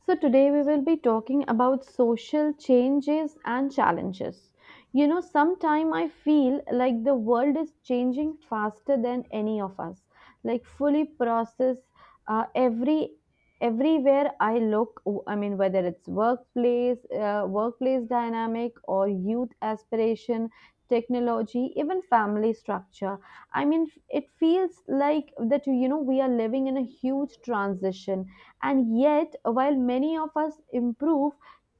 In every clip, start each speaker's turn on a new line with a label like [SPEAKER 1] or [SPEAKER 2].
[SPEAKER 1] So, today we will be talking about social changes and challenges. You know, sometime I feel like the world is changing faster than any of us. Like fully process uh, every everywhere I look. I mean, whether it's workplace, workplace dynamic, or youth aspiration, technology, even family structure. I mean, it feels like that. You know, we are living in a huge transition and yet, while many of us improve,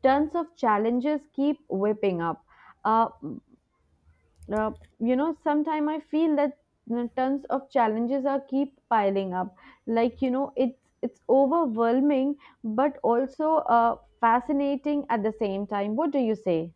[SPEAKER 1] tons of challenges keep whipping up. Uh, mm, uh, you know, sometimes I feel that you know, tons of challenges are keep piling up. Like you know, it's overwhelming, but also fascinating at the same time. What do you say?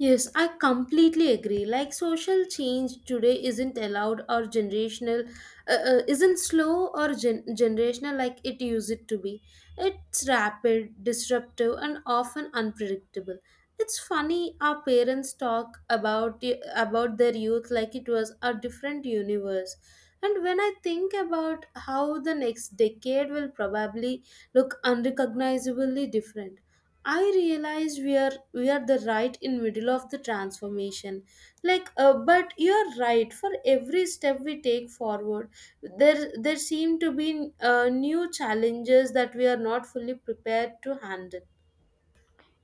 [SPEAKER 2] Yes, I completely agree. Like social change today isn't allowed or generational, isn't slow or generational like it used it to be. It's rapid, disruptive, and often unpredictable. It's funny our parents talk about about their youth like it was a different universe. And when I think about how the next decade will probably look unrecognizably different, I realize we are the right in middle of the transformation. But you're right. For every step we take forward, there seem to be new challenges that we are not fully prepared to handle.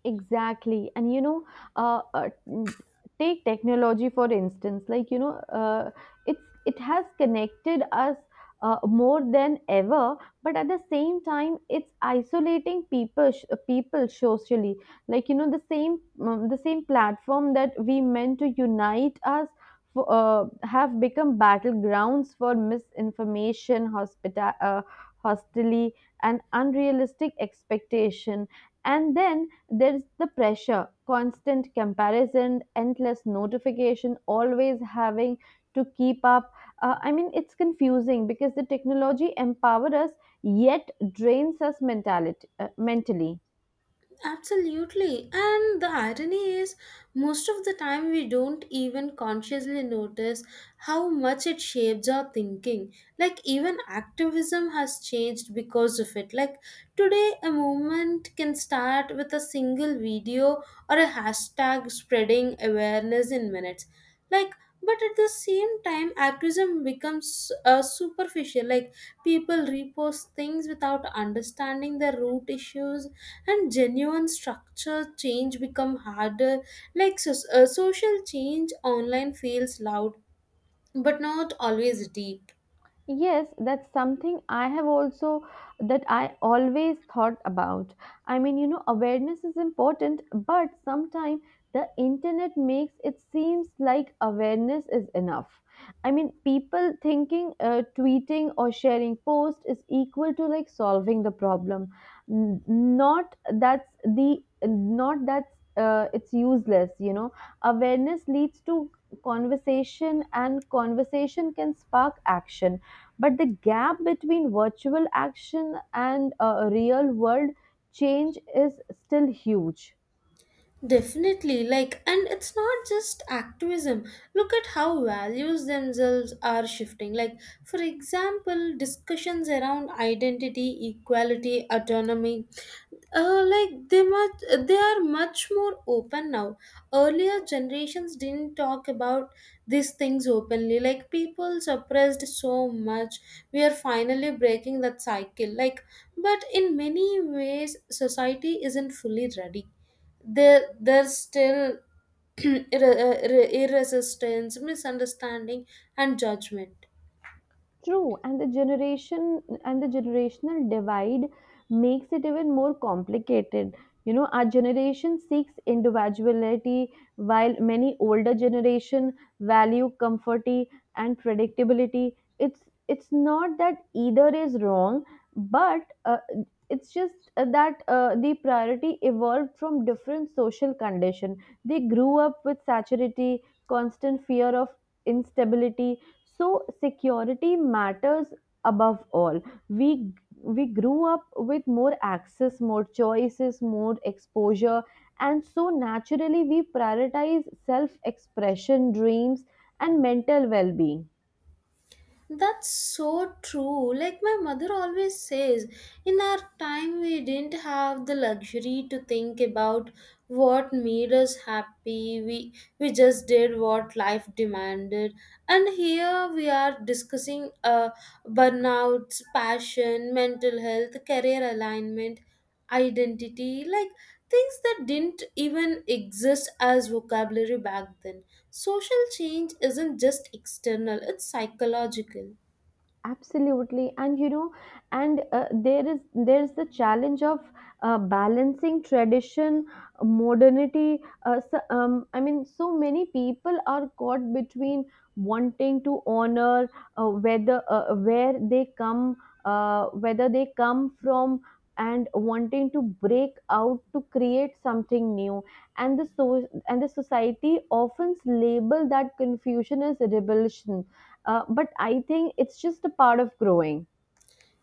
[SPEAKER 1] Exactly, and you know, uh, uh, n- take technology for instance, like you know, uh, it has connected us more than ever, but at the same time it's isolating people people socially. Like you know, the same platform that we meant to unite us for, have become battlegrounds for misinformation, hostility and unrealistic expectation. And then there's the pressure, constant comparison, endless notification, always having to keep up. I mean, it's confusing because the technology empowers us yet drains us mentally.
[SPEAKER 2] Absolutely. And the irony is, most of the time we don't even consciously notice how much it shapes our thinking. Like, even activism has changed because of it. Like, today, a movement can start with a single video or a hashtag spreading awareness in minutes. Like, but at the same time activism becomes superficial, like people repost things without understanding the root issues, and genuine structure change become harder. Like social change online feels loud but not always deep.
[SPEAKER 1] Yes, that's something I have also that I always thought about. I mean, you know, awareness is important, but sometimes the internet makes it seems like awareness is enough. I mean, people thinking tweeting or sharing post is equal to like solving the problem. Not that's the not that's it's useless, you know. Awareness leads to conversation, and conversation can spark action, but the gap between virtual action and real world change is still huge.
[SPEAKER 2] Definitely, like, and it's not just activism. Look at how values themselves are shifting. Like, for example, discussions around identity, equality, autonomy, like they are much more open now. Earlier generations didn't talk about these things openly. Like, people suppressed so much. We are finally breaking that cycle. Like, but in many ways, society isn't fully ready. There's still irresistance, misunderstanding, and judgment.
[SPEAKER 1] True, and the generational divide makes it even more complicated. You know, our generation seeks individuality, while many older generation value comforty and predictability. It's not that either is wrong, but it's just that the priority evolved from different social condition. They grew up with saturity, constant fear of instability, so security matters above all. We we grew up with more access, more choices, more exposure, and so naturally we prioritize self-expression, dreams, and mental well-being.
[SPEAKER 2] That's so true. Like my mother always says, in our time we didn't have the luxury to think about what made us happy. We just did what life demanded. And here we are discussing burnouts, passion, mental health, career alignment, identity, like things that didn't even exist as vocabulary back then. Social change isn't just external, it's psychological.
[SPEAKER 1] Absolutely, and you know, and there's the challenge of balancing tradition, modernity. So, I mean, so many people are caught between wanting to honor uh, whether uh, where they come whether they come from and wanting to break out to create something new. And the so and the society often label that confusion as rebellion, but I think it's just a part of growing.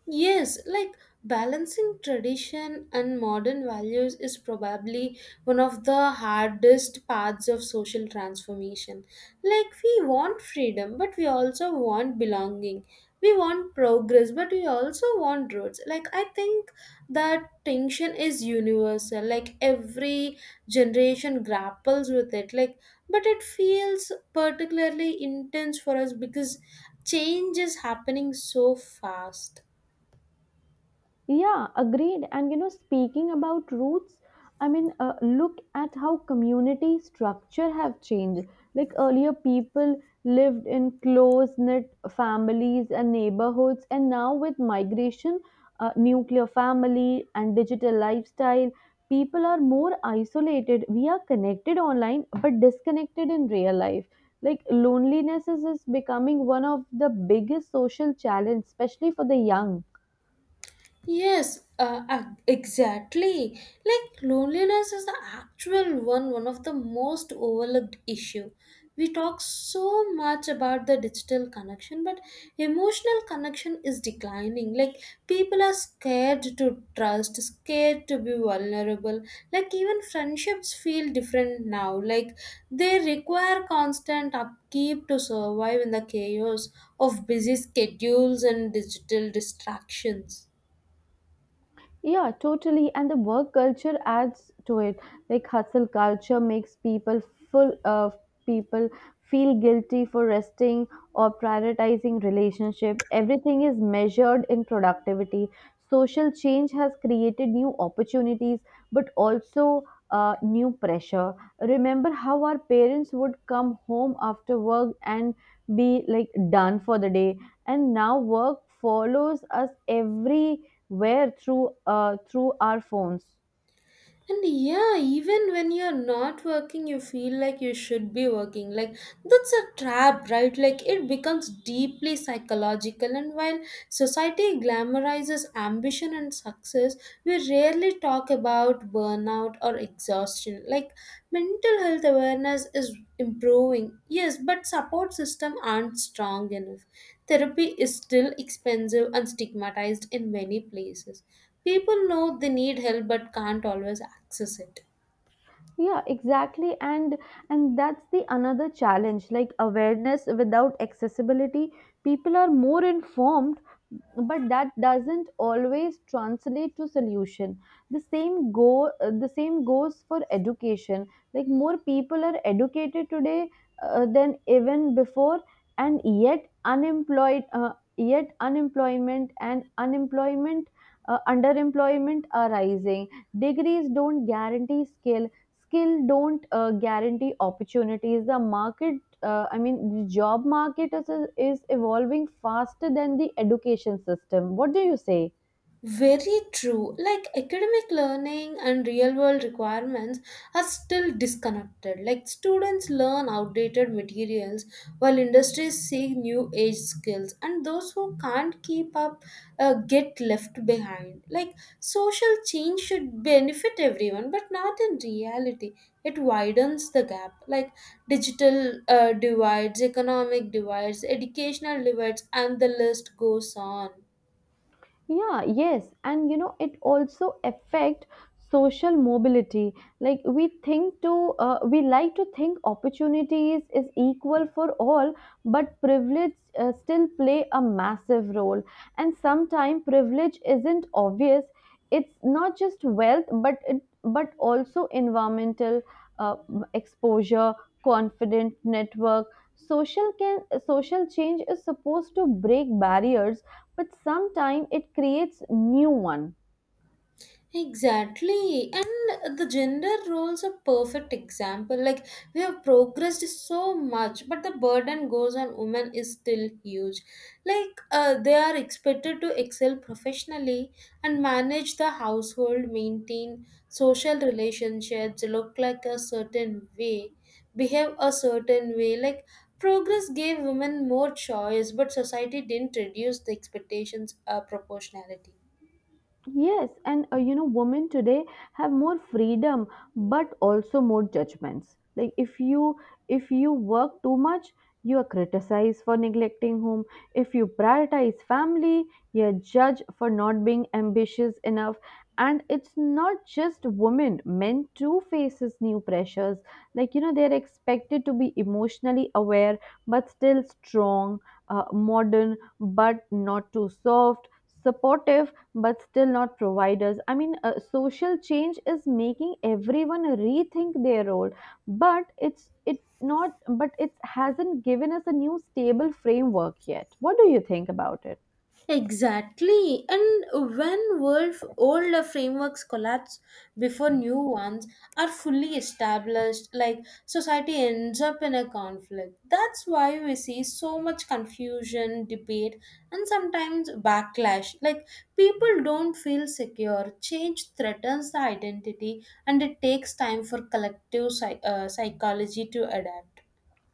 [SPEAKER 2] Yes, like balancing tradition and modern values is probably one of the hardest parts of social transformation. Like, we want freedom, but we also want belonging. We want progress, but we also want roots. Like, I think that tension is universal. Like, every generation grapples with it. Like, but it feels particularly intense for us because change is happening so fast.
[SPEAKER 1] Yeah, agreed. And you know, speaking about roots, I mean, look at how community structure have changed. Like earlier, people lived in close knit families and neighborhoods, and now with migration, nuclear family, and digital lifestyle, people are more isolated. We are connected online but disconnected in real life. Like loneliness is becoming one of the biggest social challenge, especially for the young.
[SPEAKER 2] Yes, exactly. Like loneliness is the actual one, one of the most overlooked issue. We talk so much about the digital connection, but emotional connection is declining. Like people are scared to trust, scared to be vulnerable. Like even friendships feel different now. Like they require constant upkeep to survive in the chaos of busy schedules and digital distractions.
[SPEAKER 1] Yeah, totally. And the work culture adds to it. Like hustle culture makes people full of people feel guilty for resting or prioritizing relationship. Everything is measured in productivity. Social change has created new opportunities, but also new pressure. Remember how our parents would come home after work and be like done for the day, and now work follows us every where through through our phones.
[SPEAKER 2] And yeah, even when you're not working, you feel like you should be working. Like, that's a trap, right? Like, it becomes deeply psychological. And while society glamorizes ambition and success, we rarely talk about burnout or exhaustion. Like, mental health awareness is improving, yes, but support system aren't strong enough. Therapy is still expensive and stigmatized in many places. People know they need help but can't always access it.
[SPEAKER 1] Yeah, exactly, and that's the another challenge, like awareness without accessibility. People are more informed, but that doesn't always translate to solution. The same goes for education. Like more people are educated today than even before, and yet unemployed yet unemployment and unemployment underemployment are rising. Degrees don't guarantee skill, skill don't guarantee opportunities. The market I mean, the job is evolving faster than the education system. What do you say?
[SPEAKER 2] Very true. Like academic learning and real world requirements are still disconnected. Like students learn outdated materials while industries seek new age skills, and those who can't keep up get left behind. Like social change should benefit everyone, but not in reality. It widens the gap. Like digital divides, economic divides, educational divides, and the list goes on.
[SPEAKER 1] Yeah, yes, and you know, it also affect social mobility. Like we like to think opportunities is equal for all, but privilege still play a massive role. And sometimes privilege isn't obvious, it's not just wealth, but it but also environmental uh, exposure, confident network, social can social change is supposed to break barriers, but sometimes it creates new one.
[SPEAKER 2] Exactly. And the gender roles are perfect example. Like we have progressed so much, but the burden goes on women is still huge. Like they are expected to excel professionally and manage the household, maintain social relationships, look like a certain way, behave a certain way. Like progress gave women more choice, but society didn't reduce the expectations proportionality.
[SPEAKER 1] Yes, and you know, women today have more freedom, but also more judgments. Like if you work too much, you are criticized for neglecting home. If you prioritize family, you're judged for not being ambitious enough. And it's not just women; men too faces new pressures. Like you know, they're expected to be emotionally aware, but still strong, modern, but not too soft, supportive but still not providers. I mean, social change is making everyone rethink their role, but it hasn't given us a new stable framework yet. What do you think about it?
[SPEAKER 2] Exactly. And when world older frameworks collapse before new ones are fully established, like society ends up in a conflict. That's why we see so much confusion, debate, and sometimes backlash. Like people don't feel secure. Change threatens the identity, and it takes time for collective psychology to adapt.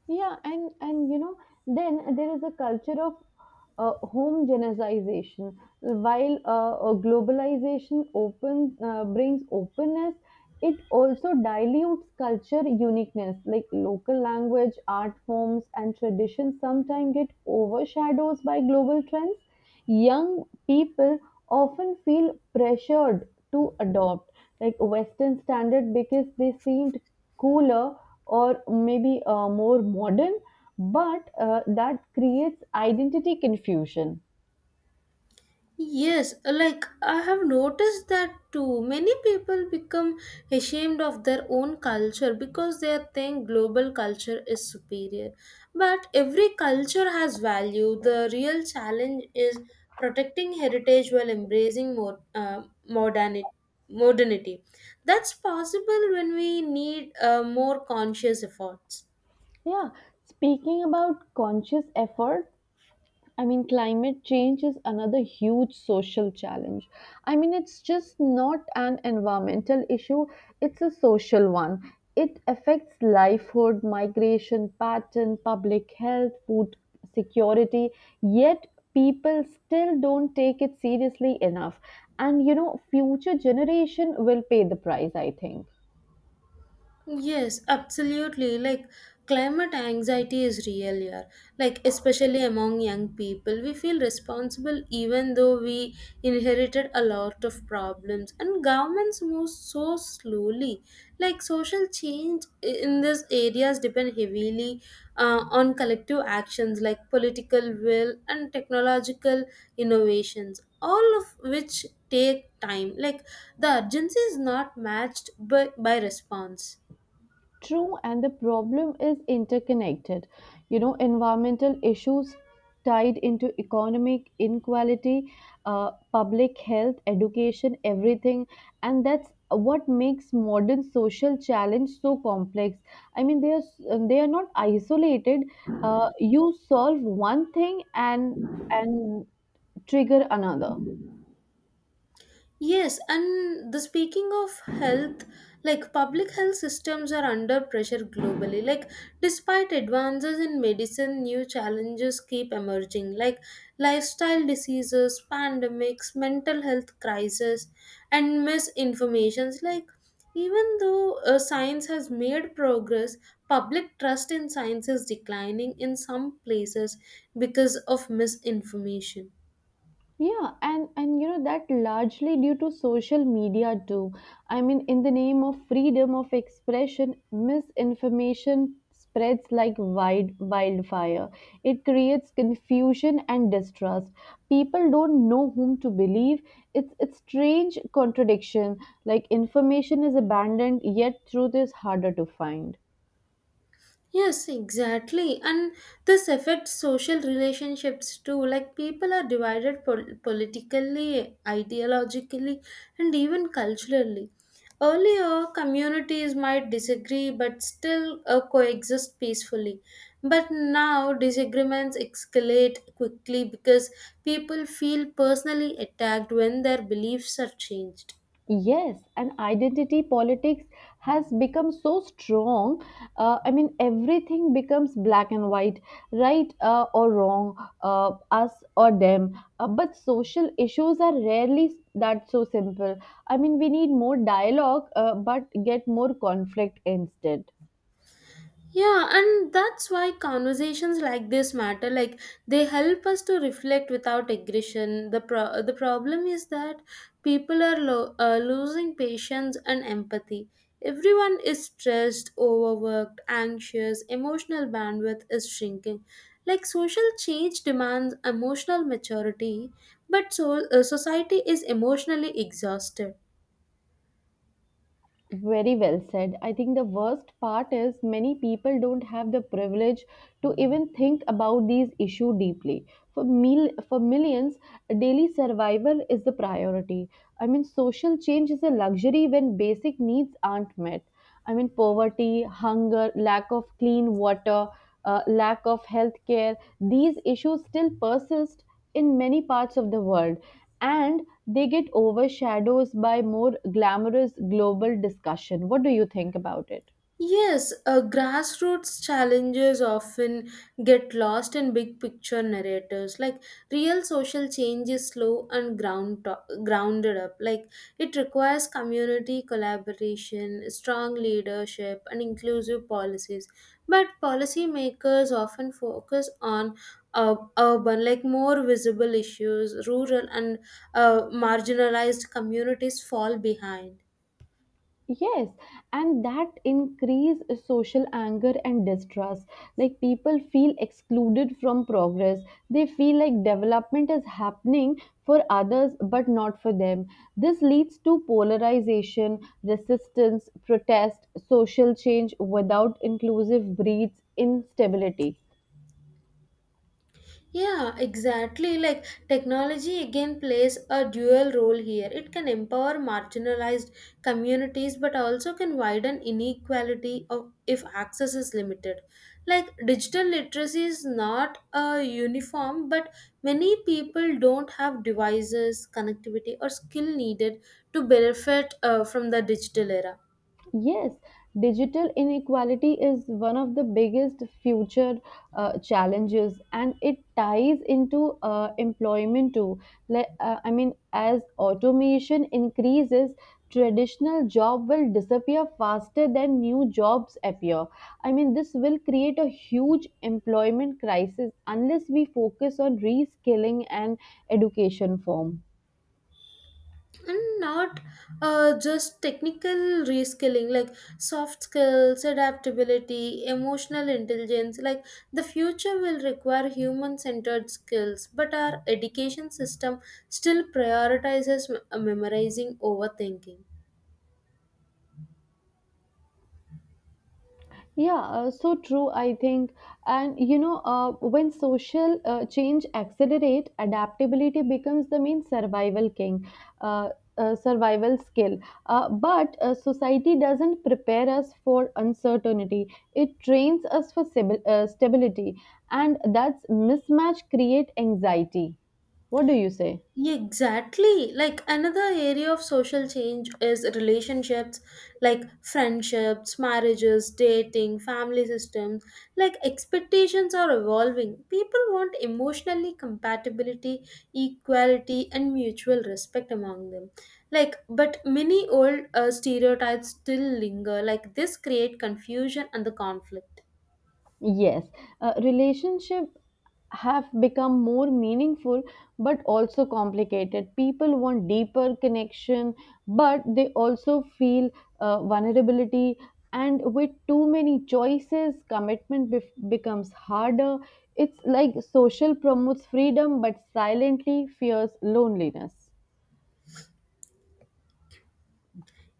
[SPEAKER 1] Yeah, and you know, then there is a culture of homogenization. While globalization open brings openness, it also dilutes culture uniqueness. Like local language, art forms and traditions sometimes get overshadowed by global trends. Young people often feel pressured to adopt like western standard because they seemed cooler or maybe more modern, but that creates identity confusion.
[SPEAKER 2] Yes, like I have noticed that too. Many people become ashamed of their own culture because they think global culture is superior. But every culture has value. The real challenge is protecting heritage while embracing more, modernity. modernity. That's possible when we need more conscious efforts.
[SPEAKER 1] Yeah, speaking about conscious effort, I mean, climate change is another huge social challenge. I mean, it's just not an environmental issue, it's a social one. It affects livelihood, migration pattern, public health, food security, yet people still don't take it seriously enough. And you know, future generation will pay the price, I think.
[SPEAKER 2] Yes, absolutely. Like climate anxiety is real here. Like especially among young people, we feel responsible even though we inherited a lot of problems and governments move so slowly. Like social change in these areas depend heavily on collective actions like political will and technological innovations, all of which take time. Like the urgency is not matched by response.
[SPEAKER 1] True, and the problem is interconnected. You know, environmental issues tied into economic inequality, public health, education, everything. And that's what makes modern social challenge so complex. I mean, they are not isolated. You solve one thing and trigger another.
[SPEAKER 2] Yes, and the speaking of health, like public health systems are under pressure globally. Like, despite advances in medicine, new challenges keep emerging, like lifestyle diseases, pandemics, mental health crisis, and misinformations. Like, even though science has made progress, public trust in science is declining in some places because of misinformation.
[SPEAKER 1] Yeah, and you know, that largely due to social media too. I mean, in the name of freedom of expression, misinformation spreads like wildfire. It creates confusion and distrust. People don't know whom to believe. It's strange contradiction. Like information is abundant, yet truth is harder to find.
[SPEAKER 2] Yes, exactly. And this affects social relationships too. Like people are divided politically, ideologically, and even culturally. Earlier, communities might disagree but still coexist peacefully. But now, disagreements escalate quickly because people feel personally attacked when their beliefs are changed.
[SPEAKER 1] Yes, and identity politics has become so strong. I mean, everything becomes black and white, right or wrong, us or them. But social issues are rarely that so simple. I mean, we need more dialogue, but get more conflict instead.
[SPEAKER 2] Yeah, and that's why conversations like this matter. Like they help us to reflect without aggression. The the problem is that people are losing patience and empathy. Everyone is stressed, overworked, anxious. Emotional bandwidth is shrinking. Like social change demands emotional maturity, but society is emotionally exhausted.
[SPEAKER 1] Very well said. I think the worst part is many people don't have the privilege to even think about these issue deeply. For millions, daily survival is the priority. I mean, social change is a luxury when basic needs aren't met. I mean, poverty, hunger, lack of clean water, lack of health care, these issues still persist in many parts of the world, and they get overshadowed by more glamorous global discussion. What do you think about it?
[SPEAKER 2] Yes, grassroots challenges often get lost in big picture narratives. Like real social change is slow and grounded up. Like it requires community collaboration, strong leadership, and inclusive policies. But policymakers often focus on urban, like more visible issues. Rural and marginalized communities fall behind.
[SPEAKER 1] Yes, and that increase social anger and distrust. Like people feel excluded from progress. They feel like development is happening for others but not for them. This leads to polarization, resistance, protest. Social change without inclusive breeds instability.
[SPEAKER 2] Yeah, exactly. Like technology again plays a dual role here. It can empower marginalized communities but also can widen inequality of if access is limited. Like digital literacy is not a uniform but many people don't have devices, connectivity or skill needed to benefit from the digital era.
[SPEAKER 1] Yes, digital inequality is one of the biggest future challenges, and it ties into employment too. I mean, as automation increases, traditional job will disappear faster than new jobs appear. I mean, this will create a huge employment crisis unless we focus on reskilling and education form.
[SPEAKER 2] And not just technical reskilling, like soft skills, adaptability, emotional intelligence. Like the future will require human centered skills but our education system still prioritizes memorizing over thinking.
[SPEAKER 1] Yeah, so true, I think. And you know, when social change accelerate, adaptability becomes the uh, survival skill. But society doesn't prepare us for uncertainty. It trains us for stability, and that's mismatch create anxiety. What do you say?
[SPEAKER 2] Yeah, exactly. Like another area of social change is relationships, like friendships, marriages, dating, family systems. Like expectations are evolving. People want emotionally compatibility, equality, and mutual respect among them. Like, but many old stereotypes still linger. Like this create confusion and the conflict.
[SPEAKER 1] Yes, relationship have become more meaningful but also complicated. People want deeper connection, but they also feel vulnerability. And with too many choices, becomes harder. It's like social promotes freedom but silently fears loneliness.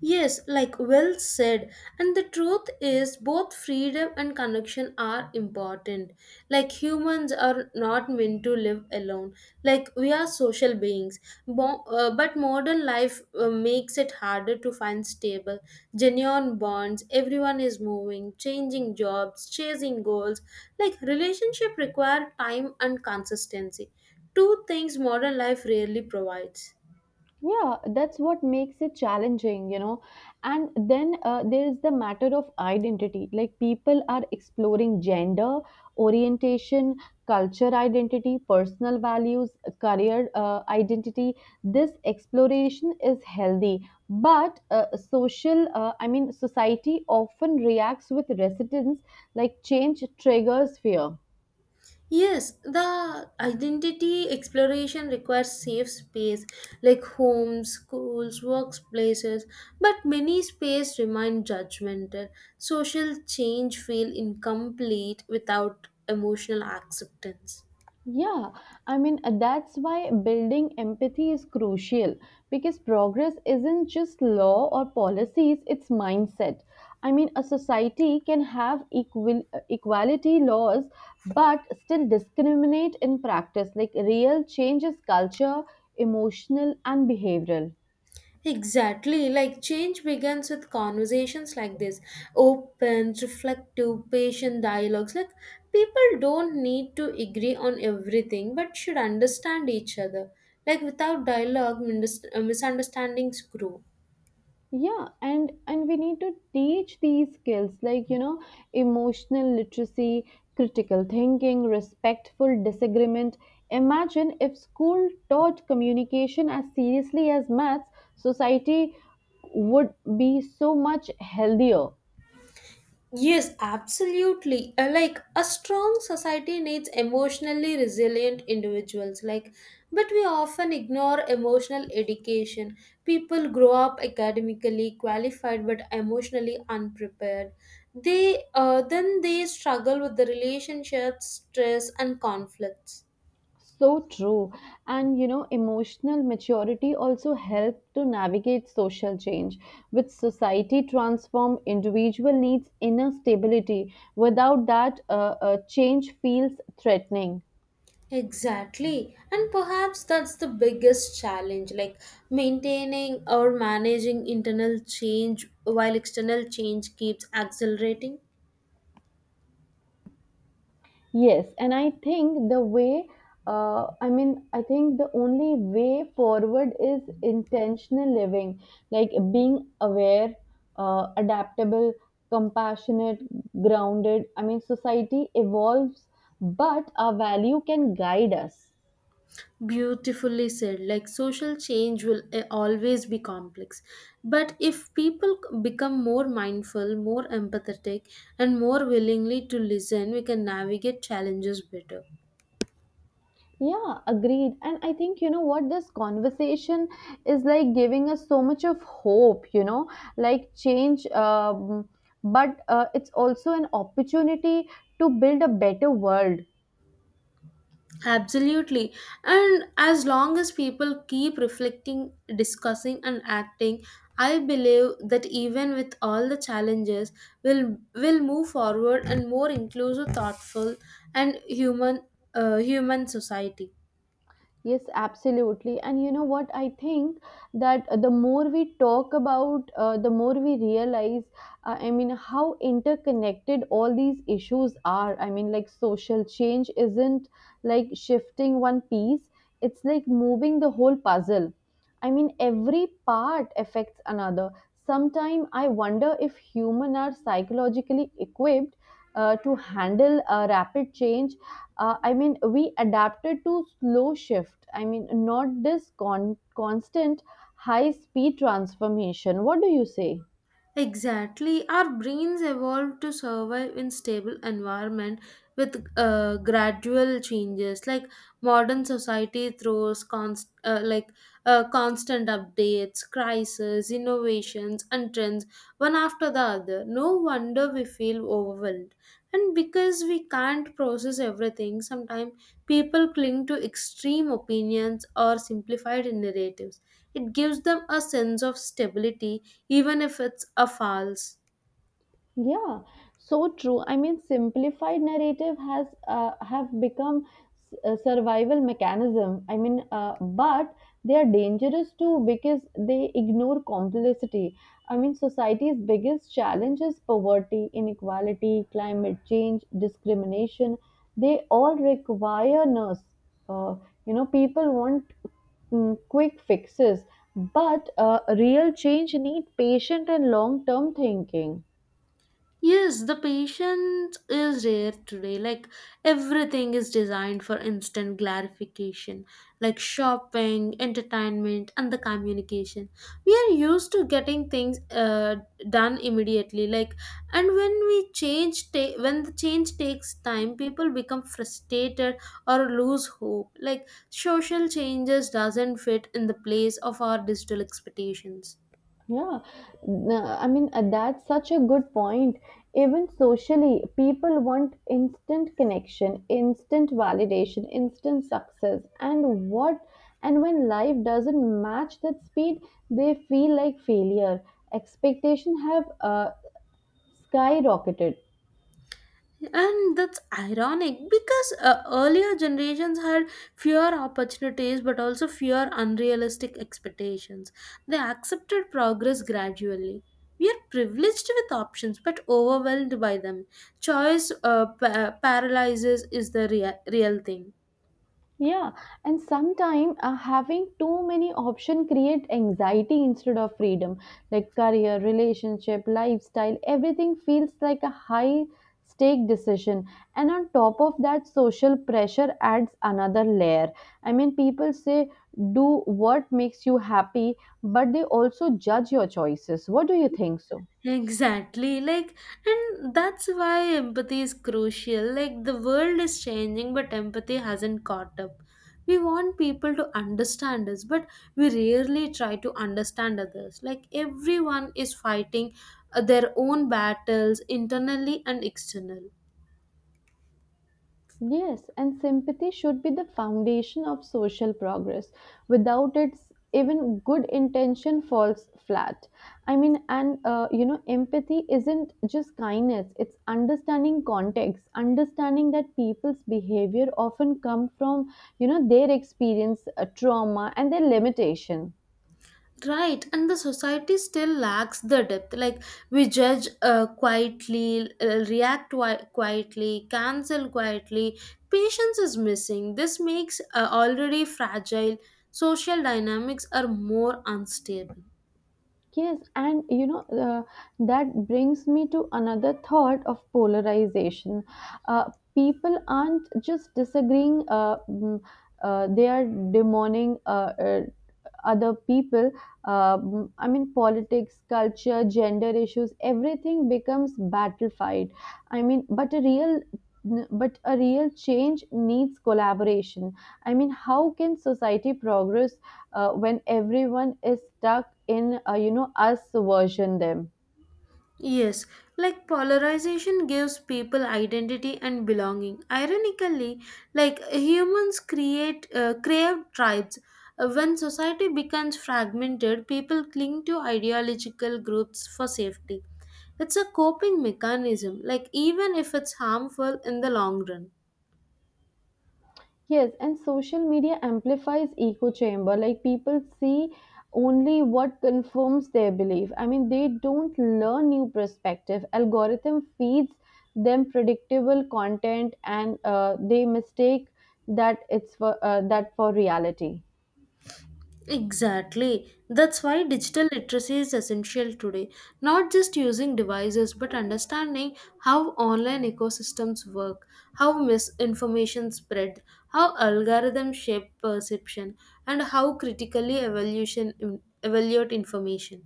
[SPEAKER 2] Yes, like well said. And the truth is, both freedom and connection are important. Like humans are not meant to live alone. Like we are social beings. But modern life makes it harder to find stable, genuine bonds. Everyone is moving, changing jobs, chasing goals. Like relationship require time and consistency. Two things modern life rarely provides.
[SPEAKER 1] Yeah, that's what makes it challenging, you know. And then there is the matter of identity. Like people are exploring gender, orientation, culture identity, personal values, career identity. This exploration is healthy, but I mean, society often reacts with resistance, like change triggers fear.
[SPEAKER 2] Yes, the identity exploration requires safe space like homes, schools, workplaces, but many space remain judgmental. Social change feel incomplete without emotional acceptance.
[SPEAKER 1] Yeah, I mean, that's why building empathy is crucial, because progress isn't just law or policies, it's mindset. I mean, a society can have equality laws but still discriminate in practice. Like, real change is culture, emotional, and behavioral.
[SPEAKER 2] Exactly. Like change begins with conversations like this, open, reflective, patient dialogues. Like people don't need to agree on everything but should understand each other. Like without dialogue, misunderstandings grow.
[SPEAKER 1] Yeah, and we need to teach these skills, like you know, emotional literacy, critical thinking, respectful disagreement. Imagine if school taught communication as seriously as maths. Society would be so much healthier.
[SPEAKER 2] Yes, absolutely. Like a strong society needs emotionally resilient individuals. Like, but we often ignore emotional education. People grow up academically qualified but emotionally unprepared. They then they struggle with the relationships, stress, and conflicts.
[SPEAKER 1] So true. And you know, emotional maturity also helps to navigate social change, which society transform individual needs inner stability. Without that, change feels threatening.
[SPEAKER 2] Exactly. And perhaps that's the biggest challenge, like maintaining or managing internal change while external change keeps accelerating.
[SPEAKER 1] Yes, and I think the way, I think the only way forward is intentional living, like being aware, adaptable, compassionate, grounded. I mean, society evolves, but our value can guide us.
[SPEAKER 2] Beautifully said. Like social change will always be complex. But if people become more mindful, more empathetic, and more willingly to listen, we can navigate challenges better.
[SPEAKER 1] Yeah, agreed. And I think, you know what, this conversation is like giving us so much of hope, like change, but it's also an opportunity to build a better world.
[SPEAKER 2] Absolutely. And as long as people keep reflecting, discussing, and acting, I believe that even with all the challenges, we'll move forward and more inclusive, thoughtful, and human, human society.
[SPEAKER 1] Yes, absolutely. And you know what? I think that the more we talk about, the more we realize, how interconnected all these issues are. I mean, like social change isn't like shifting one piece, it's like moving the whole puzzle. I mean, every part affects another. Sometimes I wonder if humans are psychologically equipped to handle a rapid change, I mean, we adapted to slow shift. I mean, not this constant high speed transformation. What do you say?
[SPEAKER 2] Exactly. Our brains evolved to survive in stable environment with gradual changes. Like modern society throws constant updates, crises, innovations, and trends one after the other. No wonder we feel overwhelmed, and because we can't process everything sometimes people cling to extreme opinions or simplified narratives. It gives them a sense of stability even if it's a false.
[SPEAKER 1] Yeah, so true. I mean, simplified narrative has have become a survival mechanism. I mean, but they are dangerous too because they ignore complicity. I mean, society's biggest challenge is poverty, inequality, climate change, discrimination. They all require us. Uh, you know, people want quick fixes, but real change need patient and long-term thinking.
[SPEAKER 2] Yes, the patience is rare today. Like everything is designed for instant gratification, like shopping, entertainment, and the communication. We are used to getting things done immediately. Like, and when when the change takes time, people become frustrated or lose hope. Like social changes doesn't fit in the place of our digital expectations.
[SPEAKER 1] Yeah, that's such a good point. Even socially, people want instant connection, instant validation, instant success. And what, and when life doesn't match that speed, they feel like failure. Expectations have skyrocketed.
[SPEAKER 2] And that's ironic because earlier generations had fewer opportunities but also fewer unrealistic expectations. They accepted progress gradually. We are privileged with options but overwhelmed by them. Paralyzes is the real thing.
[SPEAKER 1] Yeah, and sometimes having too many options create anxiety instead of freedom. Like career, relationship, lifestyle, everything feels like a high stake decision. And on top of that, social pressure adds another layer. I mean, people say do what makes you happy, but they also judge your choices. What do you think so?
[SPEAKER 2] Exactly, like, and that's why empathy is crucial. Like, the world is changing, but empathy hasn't caught up. We want people to understand us, but we rarely try to understand others. Like, everyone is fighting their own battles internally and external.
[SPEAKER 1] Yes, and sympathy should be the foundation of social progress. Without it, even good intention falls flat. I mean, and You know, empathy isn't just kindness, it's understanding context, understanding that people's behavior often come from, you know, their experience, trauma, and their limitation.
[SPEAKER 2] Right, and the society still lacks the depth. Like we judge quietly, quietly, cancel quietly. Patience is missing. This makes already fragile social dynamics are more unstable.
[SPEAKER 1] Yes, and you know, that brings me to another thought of polarization. People aren't just disagreeing, they are demoning uh, other people. I mean, politics, culture, gender issues, everything becomes battlefied. I mean, but a real but a real change needs collaboration. I mean, how can society progress when everyone is stuck in, you know, us version them.
[SPEAKER 2] Yes, like polarization gives people identity and belonging. Ironically, like humans create crave tribes. When society becomes fragmented, people cling to ideological groups for safety. It's a coping mechanism, like even if it's harmful in the long run.
[SPEAKER 1] Yes, and social media amplifies echo chamber. Like people see only what confirms their belief. I mean, they don't learn new perspective. Algorithm feeds them predictable content, and they mistake that for reality.
[SPEAKER 2] Exactly. That's why digital literacy is essential today. Not just using devices, but understanding how online ecosystems work, how misinformation spread, how algorithms shape perception, and how critically evaluation evaluate information.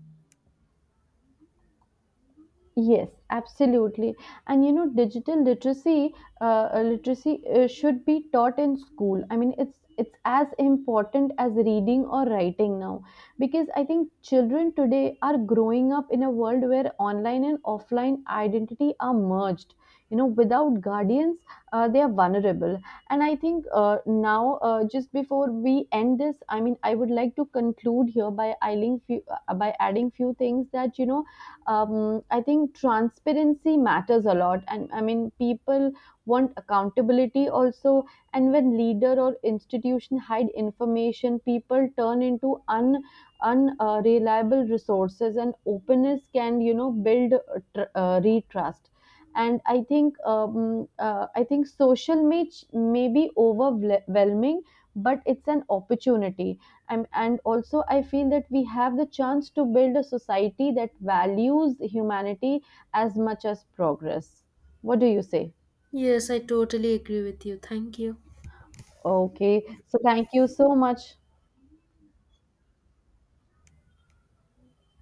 [SPEAKER 1] Yes, absolutely. And you know, digital literacy, literacy should be taught in school. I mean, it's as important as reading or writing now, because I think children today are growing up in a world where online and offline identity are merged. You know, without guardians, they are vulnerable. And I think now, just before we end this, I mean, I would like to conclude here by adding few, by adding few things that you know, I think transparency matters a lot, and I mean people want accountability also. And when leader or institution hide information, people turn into un unreliable resources, and openness can, you know, build retrust. And I think social may may be overwhelming, but it's an opportunity. And also I feel that we have the chance to build a society that values humanity as much as progress. What do you say?
[SPEAKER 2] Yes, I totally agree with you. Thank you.
[SPEAKER 1] Okay, so thank you so much.